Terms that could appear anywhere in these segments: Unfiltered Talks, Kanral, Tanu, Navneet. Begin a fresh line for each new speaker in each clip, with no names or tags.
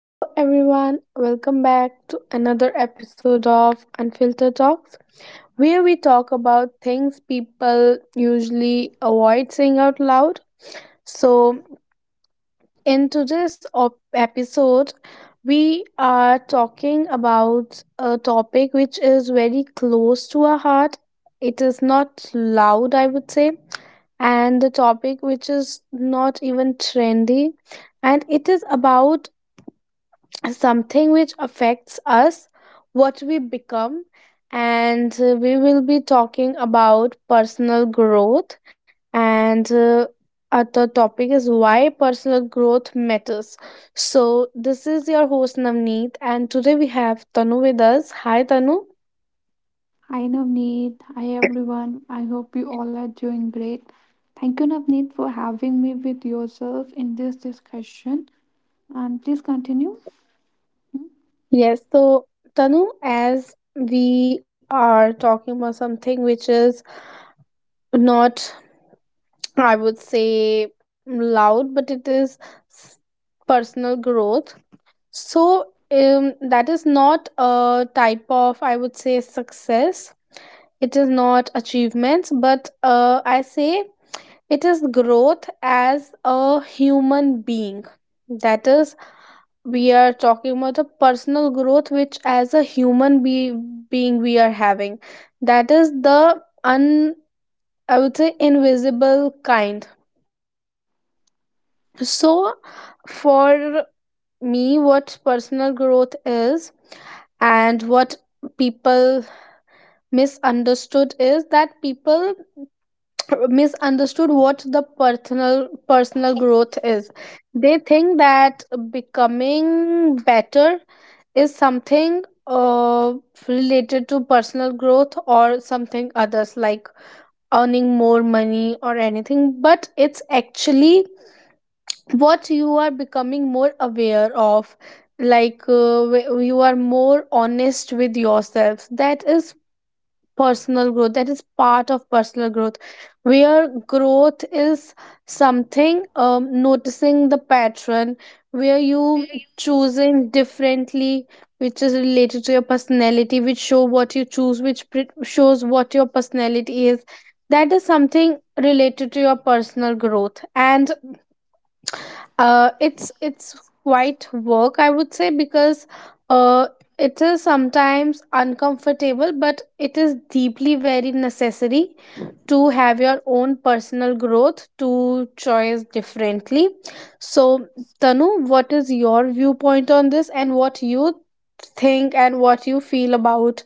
Hello, everyone. Welcome back to another episode of Unfiltered Talks, where we talk about things people usually avoid saying out loud. So, in today's episode, we are talking about a topic which is very close to our heart. It is not loud, I would say, and the topic which is not even trendy, and it is about something which affects us, what we become, and we will be talking about personal growth. And other topic is why personal growth matters. So, this is your host Navneet, and today we have Tanu with us. Hi, Tanu.
Hi Navneet, hi everyone. I hope you all are doing great. Thank you Navneet for having me with yourself in this discussion and please continue.
Yes, so Tanu, as we are talking about something which is not, I would say, loud, but it is s- personal growth. So that is not a type of, I would say, success. It is not achievements, but I say it is growth as a human being. That is, we are talking about the personal growth which, as a human being, we are having. That is the I would say, invisible kind. So, for me what personal growth is and what people misunderstood is that people misunderstood what the personal growth is. They think that becoming better is something related to personal growth, or something others like earning more money or anything, but it's actually what you are becoming more aware of, like you are more honest with yourself. That is personal growth, that is part of personal growth, where growth is something noticing the pattern where you choosing differently, which is related to your personality, which show what you choose, which shows what your personality is. That is something related to your personal growth. And it's quite work, I would say, because uh it is sometimes uncomfortable, but it is deeply very necessary to have your own personal growth, to choice differently. So, Tanu, what is your viewpoint on this, and what you think and what you feel about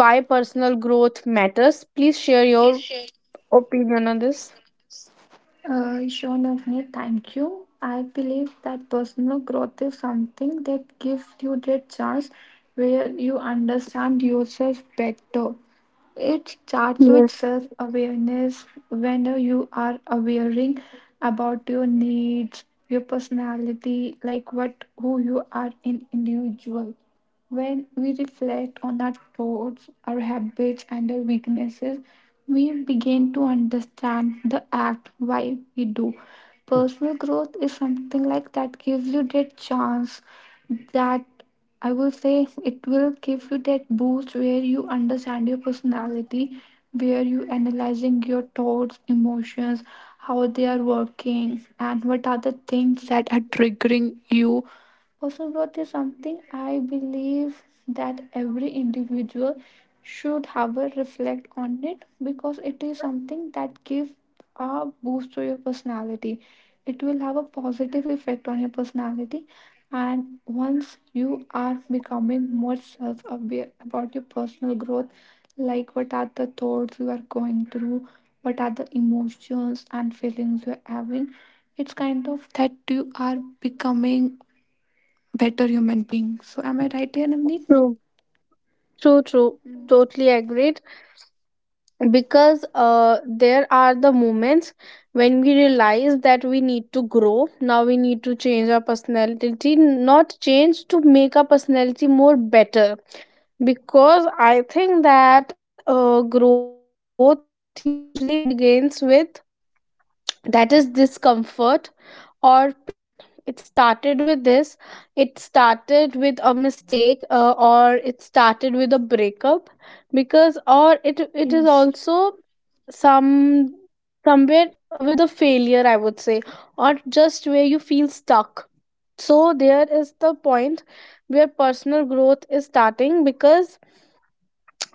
why personal growth matters? Please share your opinion on this.
Sure, Navneet, thank you. I believe that personal growth is something that gives you that chance where you understand yourself better. It starts with
Yes,
self awareness when you are awareing about your needs, your personality, like what who you are in individual. When we reflect on our thoughts, our habits, and our weaknesses, we begin to understand the act why we do. Personal growth is something like that gives you that chance that I will say it will give you that boost where you understand your personality, where you analyzing your thoughts, emotions, how they are working, and what are the things that are triggering you. Personal growth is something I believe that every individual should however reflect on it because it is something that gives a boost to your personality. It will have a positive effect on your personality, and once you are becoming more self-aware about your personal growth, like what are the thoughts you are going through, what are the emotions and feelings you are having, it's kind of that you are becoming better human being. So am I right here, Navneet?
true. True, true. Totally agreed. Because there are the moments when we realize that we need to grow now, we need to change our personality, not change to make our personality more better. Because I think that growth usually begins with, that is, discomfort or pain. It started with this, it started with a mistake, or it started with a breakup, because or it is
Yes.
also some somewhere with a failure, I would say, or just where you feel stuck. So there is the point where personal growth is starting, because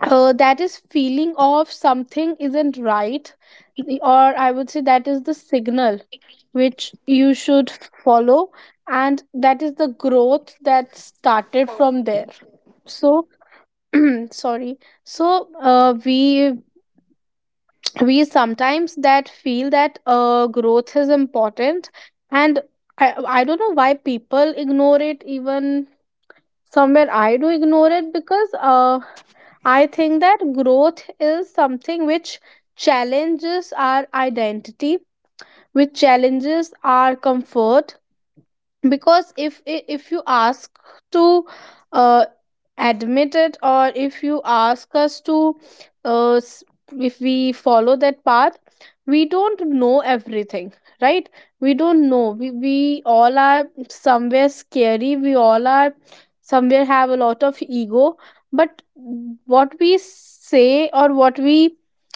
that is feeling of something isn't right, or I would say that is the signal which you should follow, and that is the growth that started from there. So, sorry. So we sometimes that feel that growth is important, and I don't know why people ignore it. Even somewhere I do ignore it, because I think that growth is something which challenges our identity, which challenges our comfort. Because if you ask to uh, admit it, or if you ask us to uh, s- if we follow that path, we don't know everything, right? We don't know, we all are somewhere scary, we all are somewhere have a lot of ego. But what we say, or what we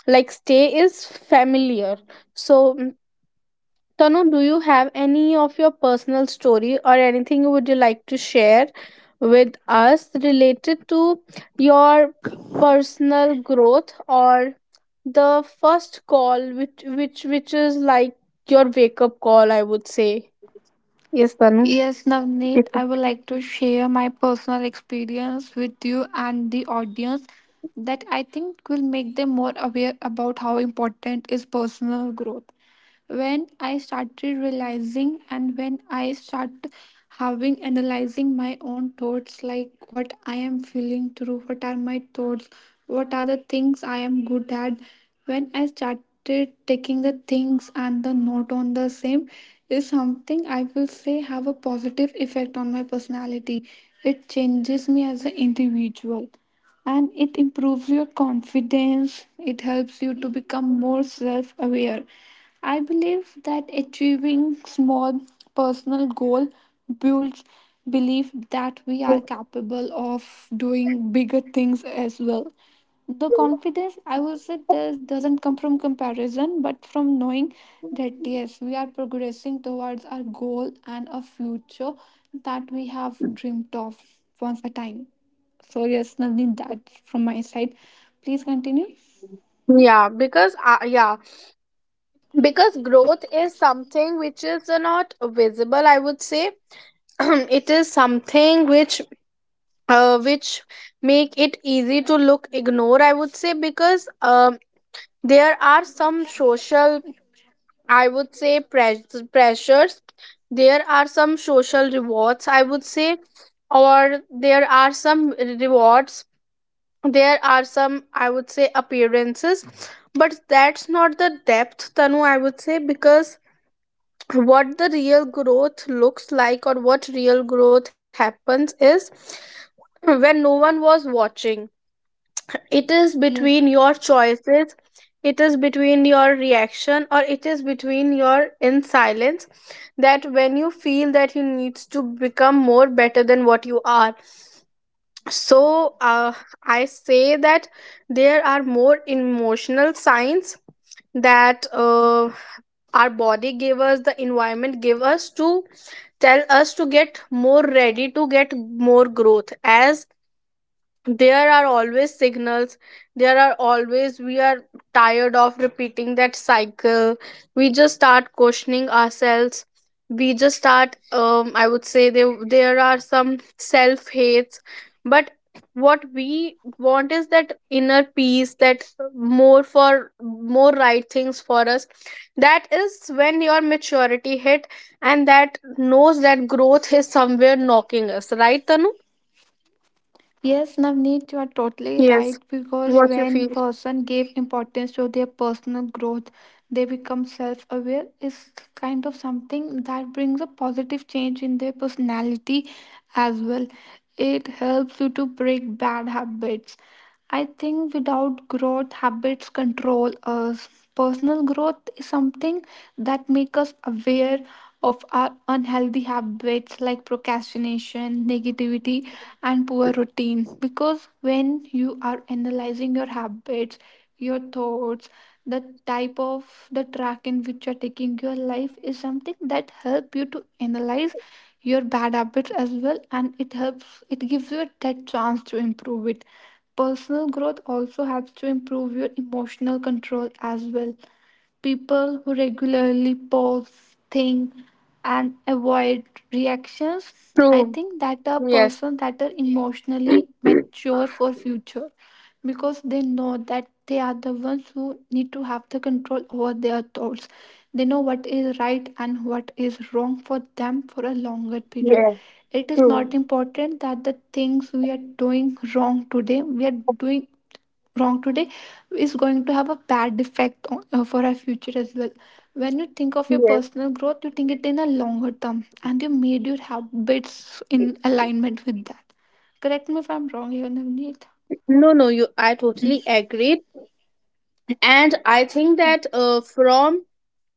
like, stay is familiar. So, Tanu, do you have any of your personal story, or anything would you like to share with us related to your personal growth, or the first call which is like your wake up call, I would say. Yes, Tanu.
Yes, Navneet,
Wake up.
I would like to share my personal experience with you and the audience that I think will make them more aware about how important is personal growth. When I started realizing and when I started having analyzing my own thoughts, like what I am feeling through, what are my thoughts, what are the things I am good at, when I started taking the things and the note on the same is something I will say have a positive effect on my personality. It changes me as an individual and it improves your confidence. It helps you to become more self aware. I believe that achieving small personal goal builds belief that we are
True.
capable of doing bigger things as well. The confidence I would say this doesn't come from comparison but from knowing that yes we are progressing towards our goal and a future that we have dreamt of once a time. So yes Nandini, that's from my side, please continue. Hmm?
Yeah, because growth is something which is not visible, I would say. it is something which make it easy to look ignore, I would say, because there are some social, I would say, pressures, there are some social rewards, I would say, or there are some rewards, there are some, I would say, appearances. But that's not the depth, Tanu, I would say, because what the real growth looks like, or what real growth happens is when no one was watching. It is
Yes.
between your choices, it is between your reaction, or it is between your in silence, that when you feel that you needs to become more better than what you are. So I say that there are more emotional signs, that our body gave us, the environment gave us, to tell us to get more ready to get more growth. As there are always signals, there are always, we are tired of repeating that cycle, we just start questioning ourselves, we just start I would say, there are some self hates. But what we want is that inner peace, that more, for more right things for us. That is when your maturity hit, and that knows that growth is somewhere knocking us, right, Tanu?
Yes, Navneet, you are totally
Yes,
right because
what you
when
feel.
person give importance to their personal growth, they become self-aware is kind of something that brings a positive change in their personality as well. It helps you to break bad habits. I think without growth, habits control us. Personal growth is something that makes us aware of our unhealthy habits like procrastination, negativity, and poor routine. Because when you are analyzing your habits, your thoughts, the type of the track in which you're taking your life is something that help you to analyze your bad habits as well and it helps it gives you that chance to improve it. Personal growth also helps to improve your emotional control as well. People who regularly pause, think, and avoid reactions, I
True.
think that are
Yes.
persons that are emotionally mature for future because they know that they are the ones who need to have the control over their thoughts. They know what is right and what is wrong for them for a longer period.
Yes.
It is
True.
not important that the things we are doing wrong today, we are doing wrong today is going to have a bad effect on, for our future as well. When you think of your
Yes.
personal growth you think it in a longer term and you made your habits in alignment with that. Correct me if I'm wrong here, Navneet.
No, no, you, I totally
Mhm.
agree. And I think that from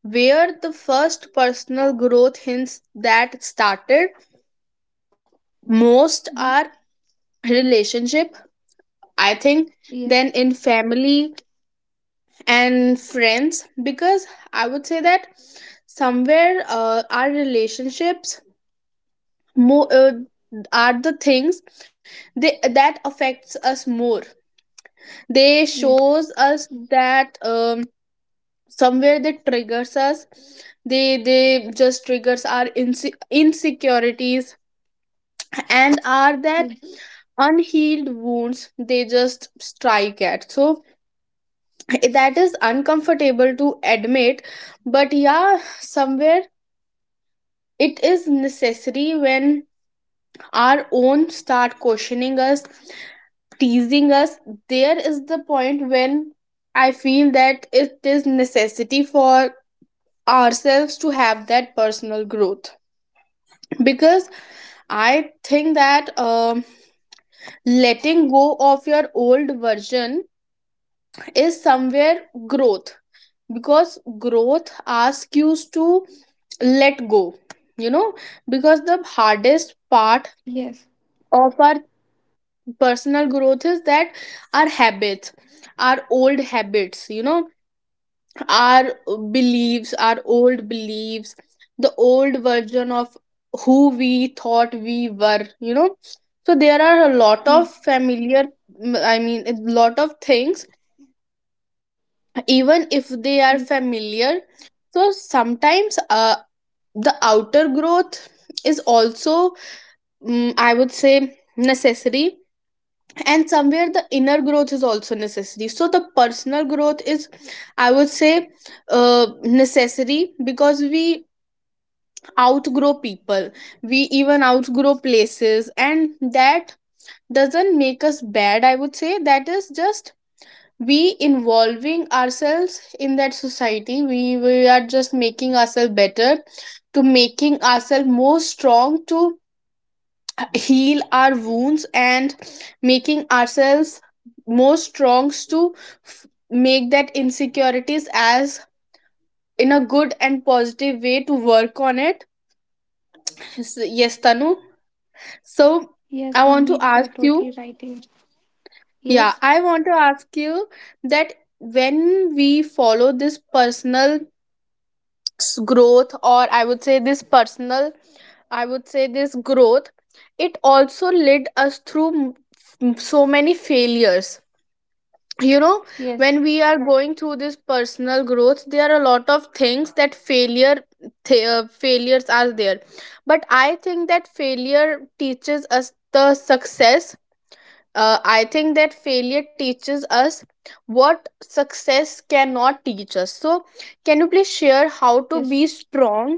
where the first personal growth hints that started, most
Mhm.
are relationship, I think, then
Yes,
in family and friends. Because I would say that somewhere our relationships, more are the things that affects us more. They
yes,
shows us that somewhere that triggers us, they just triggers our insecurities, and are that
yes.
unhealed wounds they just strike at. So that is uncomfortable to admit, but yeah, somewhere it is necessary. When our own start questioning us, teasing us, there is the point when I feel that it is necessity for ourselves to have that personal growth. Because I think that letting go of your old version is somewhere growth, because growth asks you to let go you know because the hardest part
Yes,
of our personal growth is that our habits, our old habits, our beliefs, our old beliefs, the old version of who we thought we were. So there are a lot of
yes,
familiar, I mean, a lot of things, even if they are
yes.
familiar. So sometimes the outer growth is also, I would say, necessary, and somewhere the inner growth is also necessary. So the personal growth is, I would say, necessary, because we outgrow people, we even outgrow places, and that doesn't make us bad, I would say. That is just we involving ourselves in that society, we are just making ourselves better, to making ourselves more strong, to heal our wounds, and making ourselves more strong to make that insecurities as in a good and positive way to work on it. Yes, Tanu. So i
Yes,
want to
Navneet, you are
ask you
totally right here.
yeah
Yes,
I want to ask you that when we follow this personal growth, or I would say this personal, I would say this growth, it also led us through so many failures, you know when
yes,
we are going through this personal growth. There are a lot of things that failure, failures are there, but I think that failure teaches us the success. I think that failure teaches us what success cannot teach us. So, can you please share how to
yes.
be strong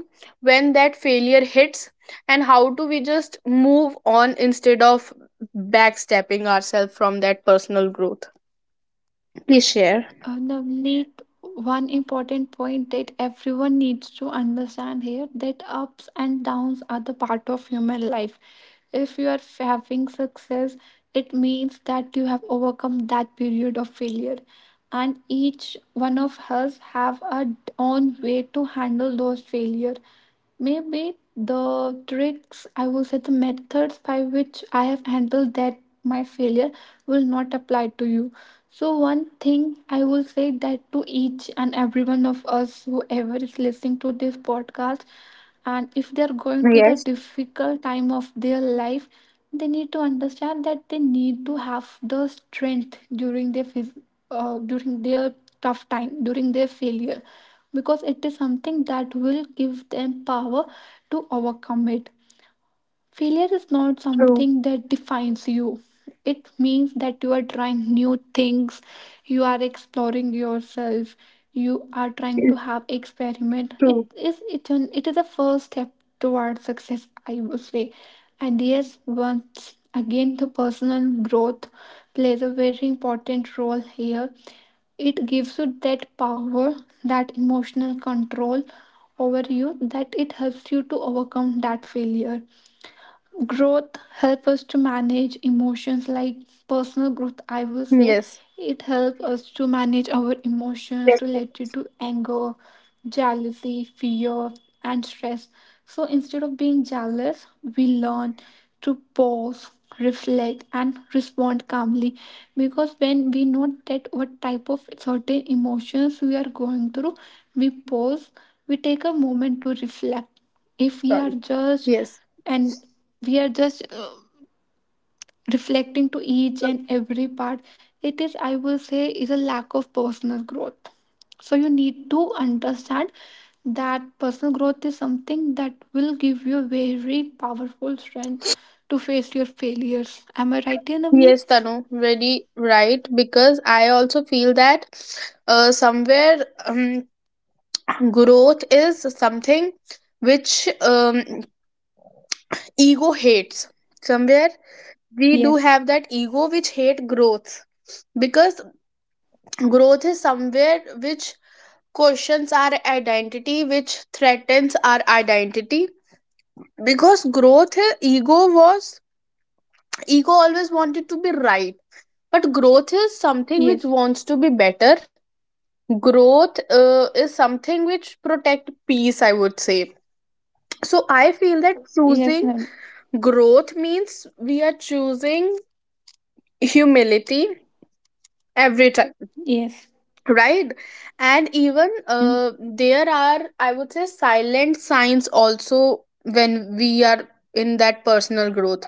when that failure hits, and how do we just move on instead of backstepping ourselves from that personal growth? Please share.
Navneet, one important point that everyone needs to understand here that ups and downs are the part of human life. If you are having success, it means that you have overcome that period of failure. And each one of us have our own way to handle those failure. Maybe the tricks, I will say the methods by which I have handled that my failure will not apply to you. So, one thing I will say that to each and every one of us, whoever is listening to this podcast, and if they are going to the
Yes,
difficult time of their life, they need to understand that they need to have the strength during their during their tough time, during their failure because it is something that will give them power to overcome it. Failure is not
true.
something that defines you. It means that you are trying new things, you are exploring yourself, you are trying to
Yes,
have experiment. It
true.
is it is a first step towards success, I would say. And yes, once again, the personal growth plays a very important role here. It gives you that power, that emotional control over you, that it helps you to overcome that failure. Growth help us to manage emotions like personal growth I will say
Yes.
it helps us to manage our emotions
Yes.
related to anger, jealousy, fear, and stress. So instead of being jealous we learn to pause, reflect, and respond calmly. Because when we know that what type of certain emotions we are going through, we pause, we take a moment to reflect if we are
Sorry.
judged
Yes.
and we are just reflecting to each and every part, it is I will say is a lack of personal growth. So you need to understand that personal growth is something that will give you a very powerful strength to face your failures. Am I right here,
Yes,
Navneet?
Tanu, very right. Because I also feel that somewhere growth is something which ego hates. Somewhere we do
Yes.
have that ego which hate growth, because growth is somewhere which questions our identity, which threatens our identity. Because growth, Ego always wanted to be right, but growth is something which
Yes.
wants to be better. Growth is something which protect peace, I would say. So I feel that
Yes,
choosing
Navneet.
growth means we are choosing humility every time,
Yes.
right? And even
Mm.
there are, I would say, silent signs also when we are in that personal growth,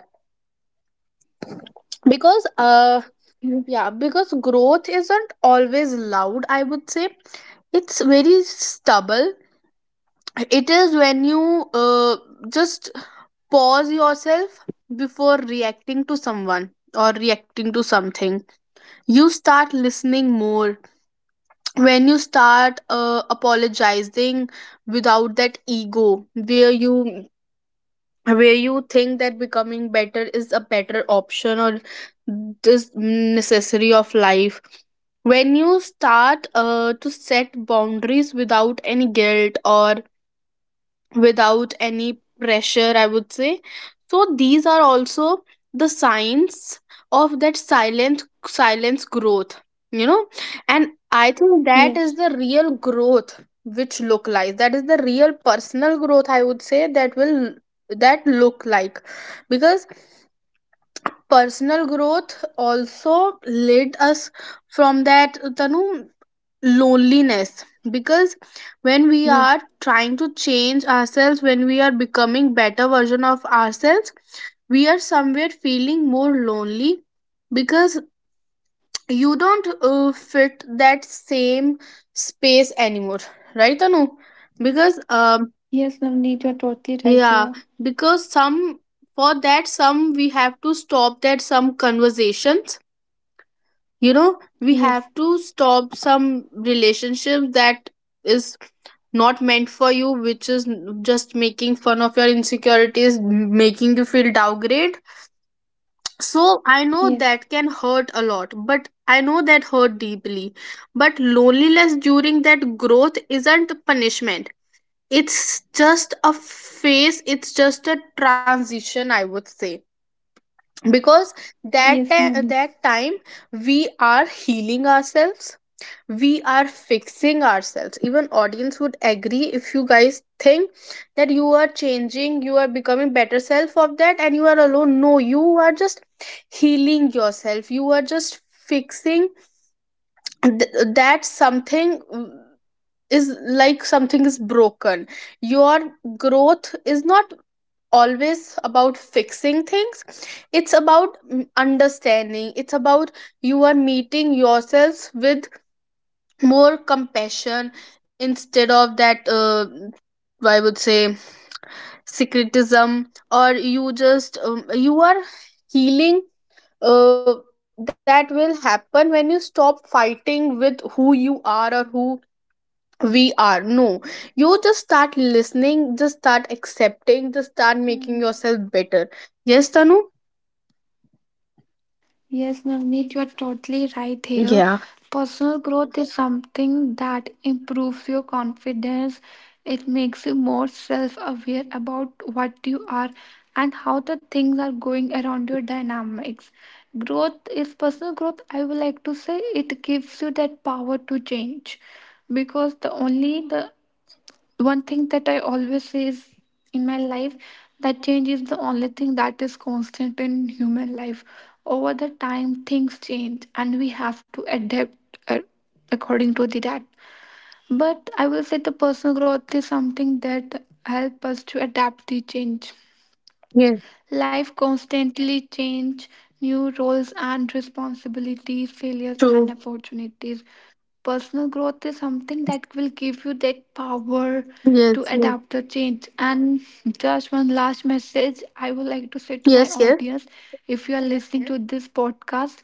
because
You-
yeah, because growth isn't always loud, I would say. It's very stubble. It is when you just pause yourself before reacting to someone or reacting to something. You start listening more. When you start apologizing without that ego, where you think that becoming better is a better option, or this necessary of life, when you start to set boundaries without any guilt or without any pressure, I would say. So these are also the signs of that silent silence growth, you know. And I think that is
yes.
the real growth which look like. That is the real personal growth, I would say, that will that look like, because personal growth also led us from that tanu loneliness. Because when we
Yes.
are trying to change ourselves, when we are becoming better version of ourselves, we are somewhere feeling more lonely, because you don't fit that same space anymore, right anu? Because
Yes, Navneet, you're totally right
yeah,
here.
because some, for that some we have to stop that some conversations, you know we
Yes.
have to stop some relationship that is not meant for you, which is just making fun of your insecurities, making you feel downgrade. So I know
Yes.
that can hurt a lot, but I know that hurt deeply. But loneliness during that growth isn't punishment. It's just a phase, it's just a transition, I would say. Because
Yes, Navneet.
that time we are healing ourselves, we are fixing ourselves. Even audience would agree, if you guys think that you are changing, you are becoming better self of that and you are alone, no, you are just healing yourself, you are just fixing that something. Is like something is broken. Your growth is not always about fixing things. It's about, understanding, it's about you are meeting yourselves with more compassion, instead of that I would say secretism, or you just you are healing. That will happen when you stop fighting with who you are or who we are, no. You just start listening, just start accepting, just start making
Mm.
yourself better. Yes, tanu.
Yes, Navneet, you are totally right here.
Yeah.
Personal growth is something that improves your confidence. It makes you more self aware about what you are and how the things are going around your dynamics. Growth is personal growth, I would like to say it gives you that power to change because the only the one thing that I always say is in my life that change is the only thing that is constant in human life. Over the time, things change and we have to adapt uh, according to the, that. But I will say the personal growth is something that help us to adapt the change.
Yes.
Life constantly change new roles and responsibilities, failures
True.
and opportunities. Personal growth is something that will give you that power to
Yes,
adapt the change. And just one last message I would like to say to my
yes, yes. Yes.
audience, if you are listening to this podcast,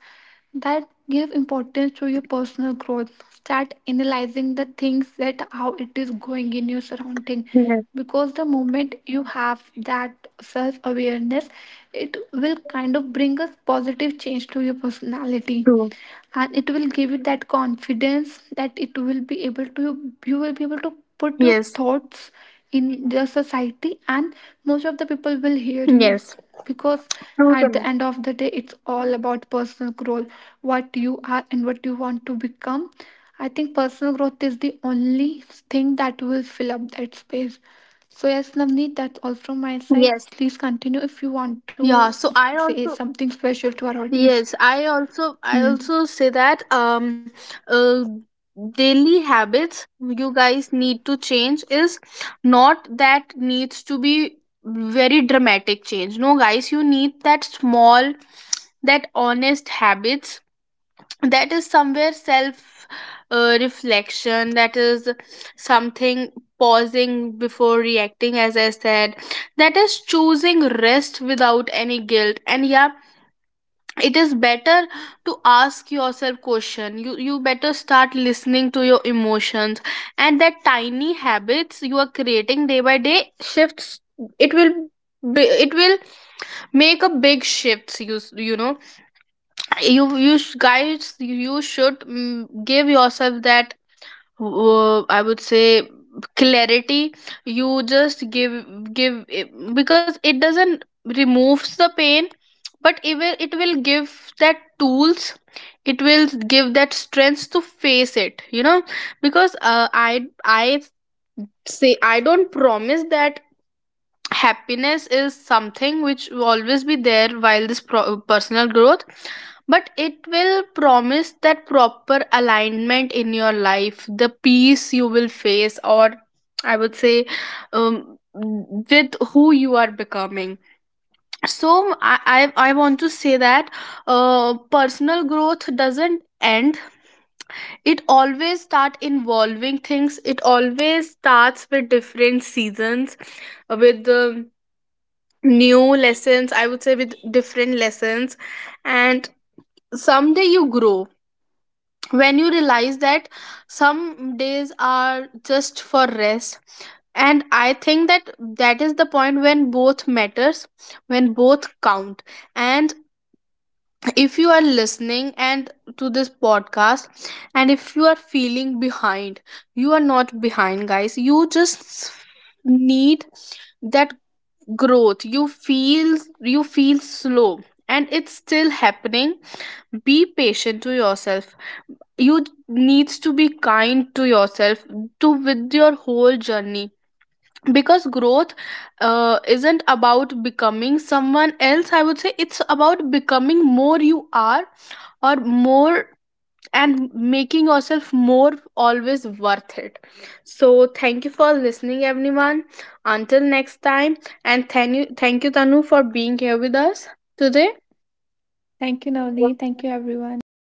that give importance to your personal growth. Start analyzing the things that how it is going in your surrounding.
Yes.
Because the moment you have that self awareness, it will kind of bring a positive change to your personality
True.
and it will give you that confidence that it will be able to you will be able to put your
Yes,
thoughts in the society and most of the people will hear you
yes.
because
True,
at the
tanu.
end of the day it's all about personal growth, what you are and what you want to become. I think personal growth is the only thing that will fill up that space. So yes Navneet, that's all from my side,
Yes.
please continue if you want to
Yeah, so I
say
also.
something special to our audience.
Yes, I also, I
Hmm.
also say that uh, daily habits you guys need to change is not that needs to be very dramatic change. No guys, you need that small, that honest habits, that is somewhere self reflection, that is something, pausing before reacting as I said, that is choosing rest without any guilt. And yeah, it is better to ask yourself question. You better start listening to your emotions, and that tiny habits you are creating day by day shifts. It will it will make a big shifts, you you know, guys, you should give yourself that, I would say, clarity. You just give, give because it doesn't removes the pain, but it will give that tools, it will give that strength to face it, you know. Because I say I don't promise that happiness is something which will always be there while this personal growth, but it will promise that proper alignment in your life, the peace you will face, or I would say, um, with who you are becoming. So I want to say that personal growth doesn't end. It always start involving things, it always starts with different seasons, with the new lessons, I would say, with different lessons. And someday you grow, when you realize that some days are just for rest. And I think that that is the point when both matters, when both count. And if you are listening and to this podcast, and if you are feeling behind, you are not behind guys, you just need that growth. You feel, you feel slow, and it's still happening. Be patient to yourself, you needs to be kind to yourself, to with your whole journey. Because growth isn't about becoming someone else, I would say, it's about becoming more you are, or more, and making yourself more always worth it. So thank you for listening everyone, until next time. And thank you tanu for being here with us today.
Thank you, Navneet. Thank you, everyone.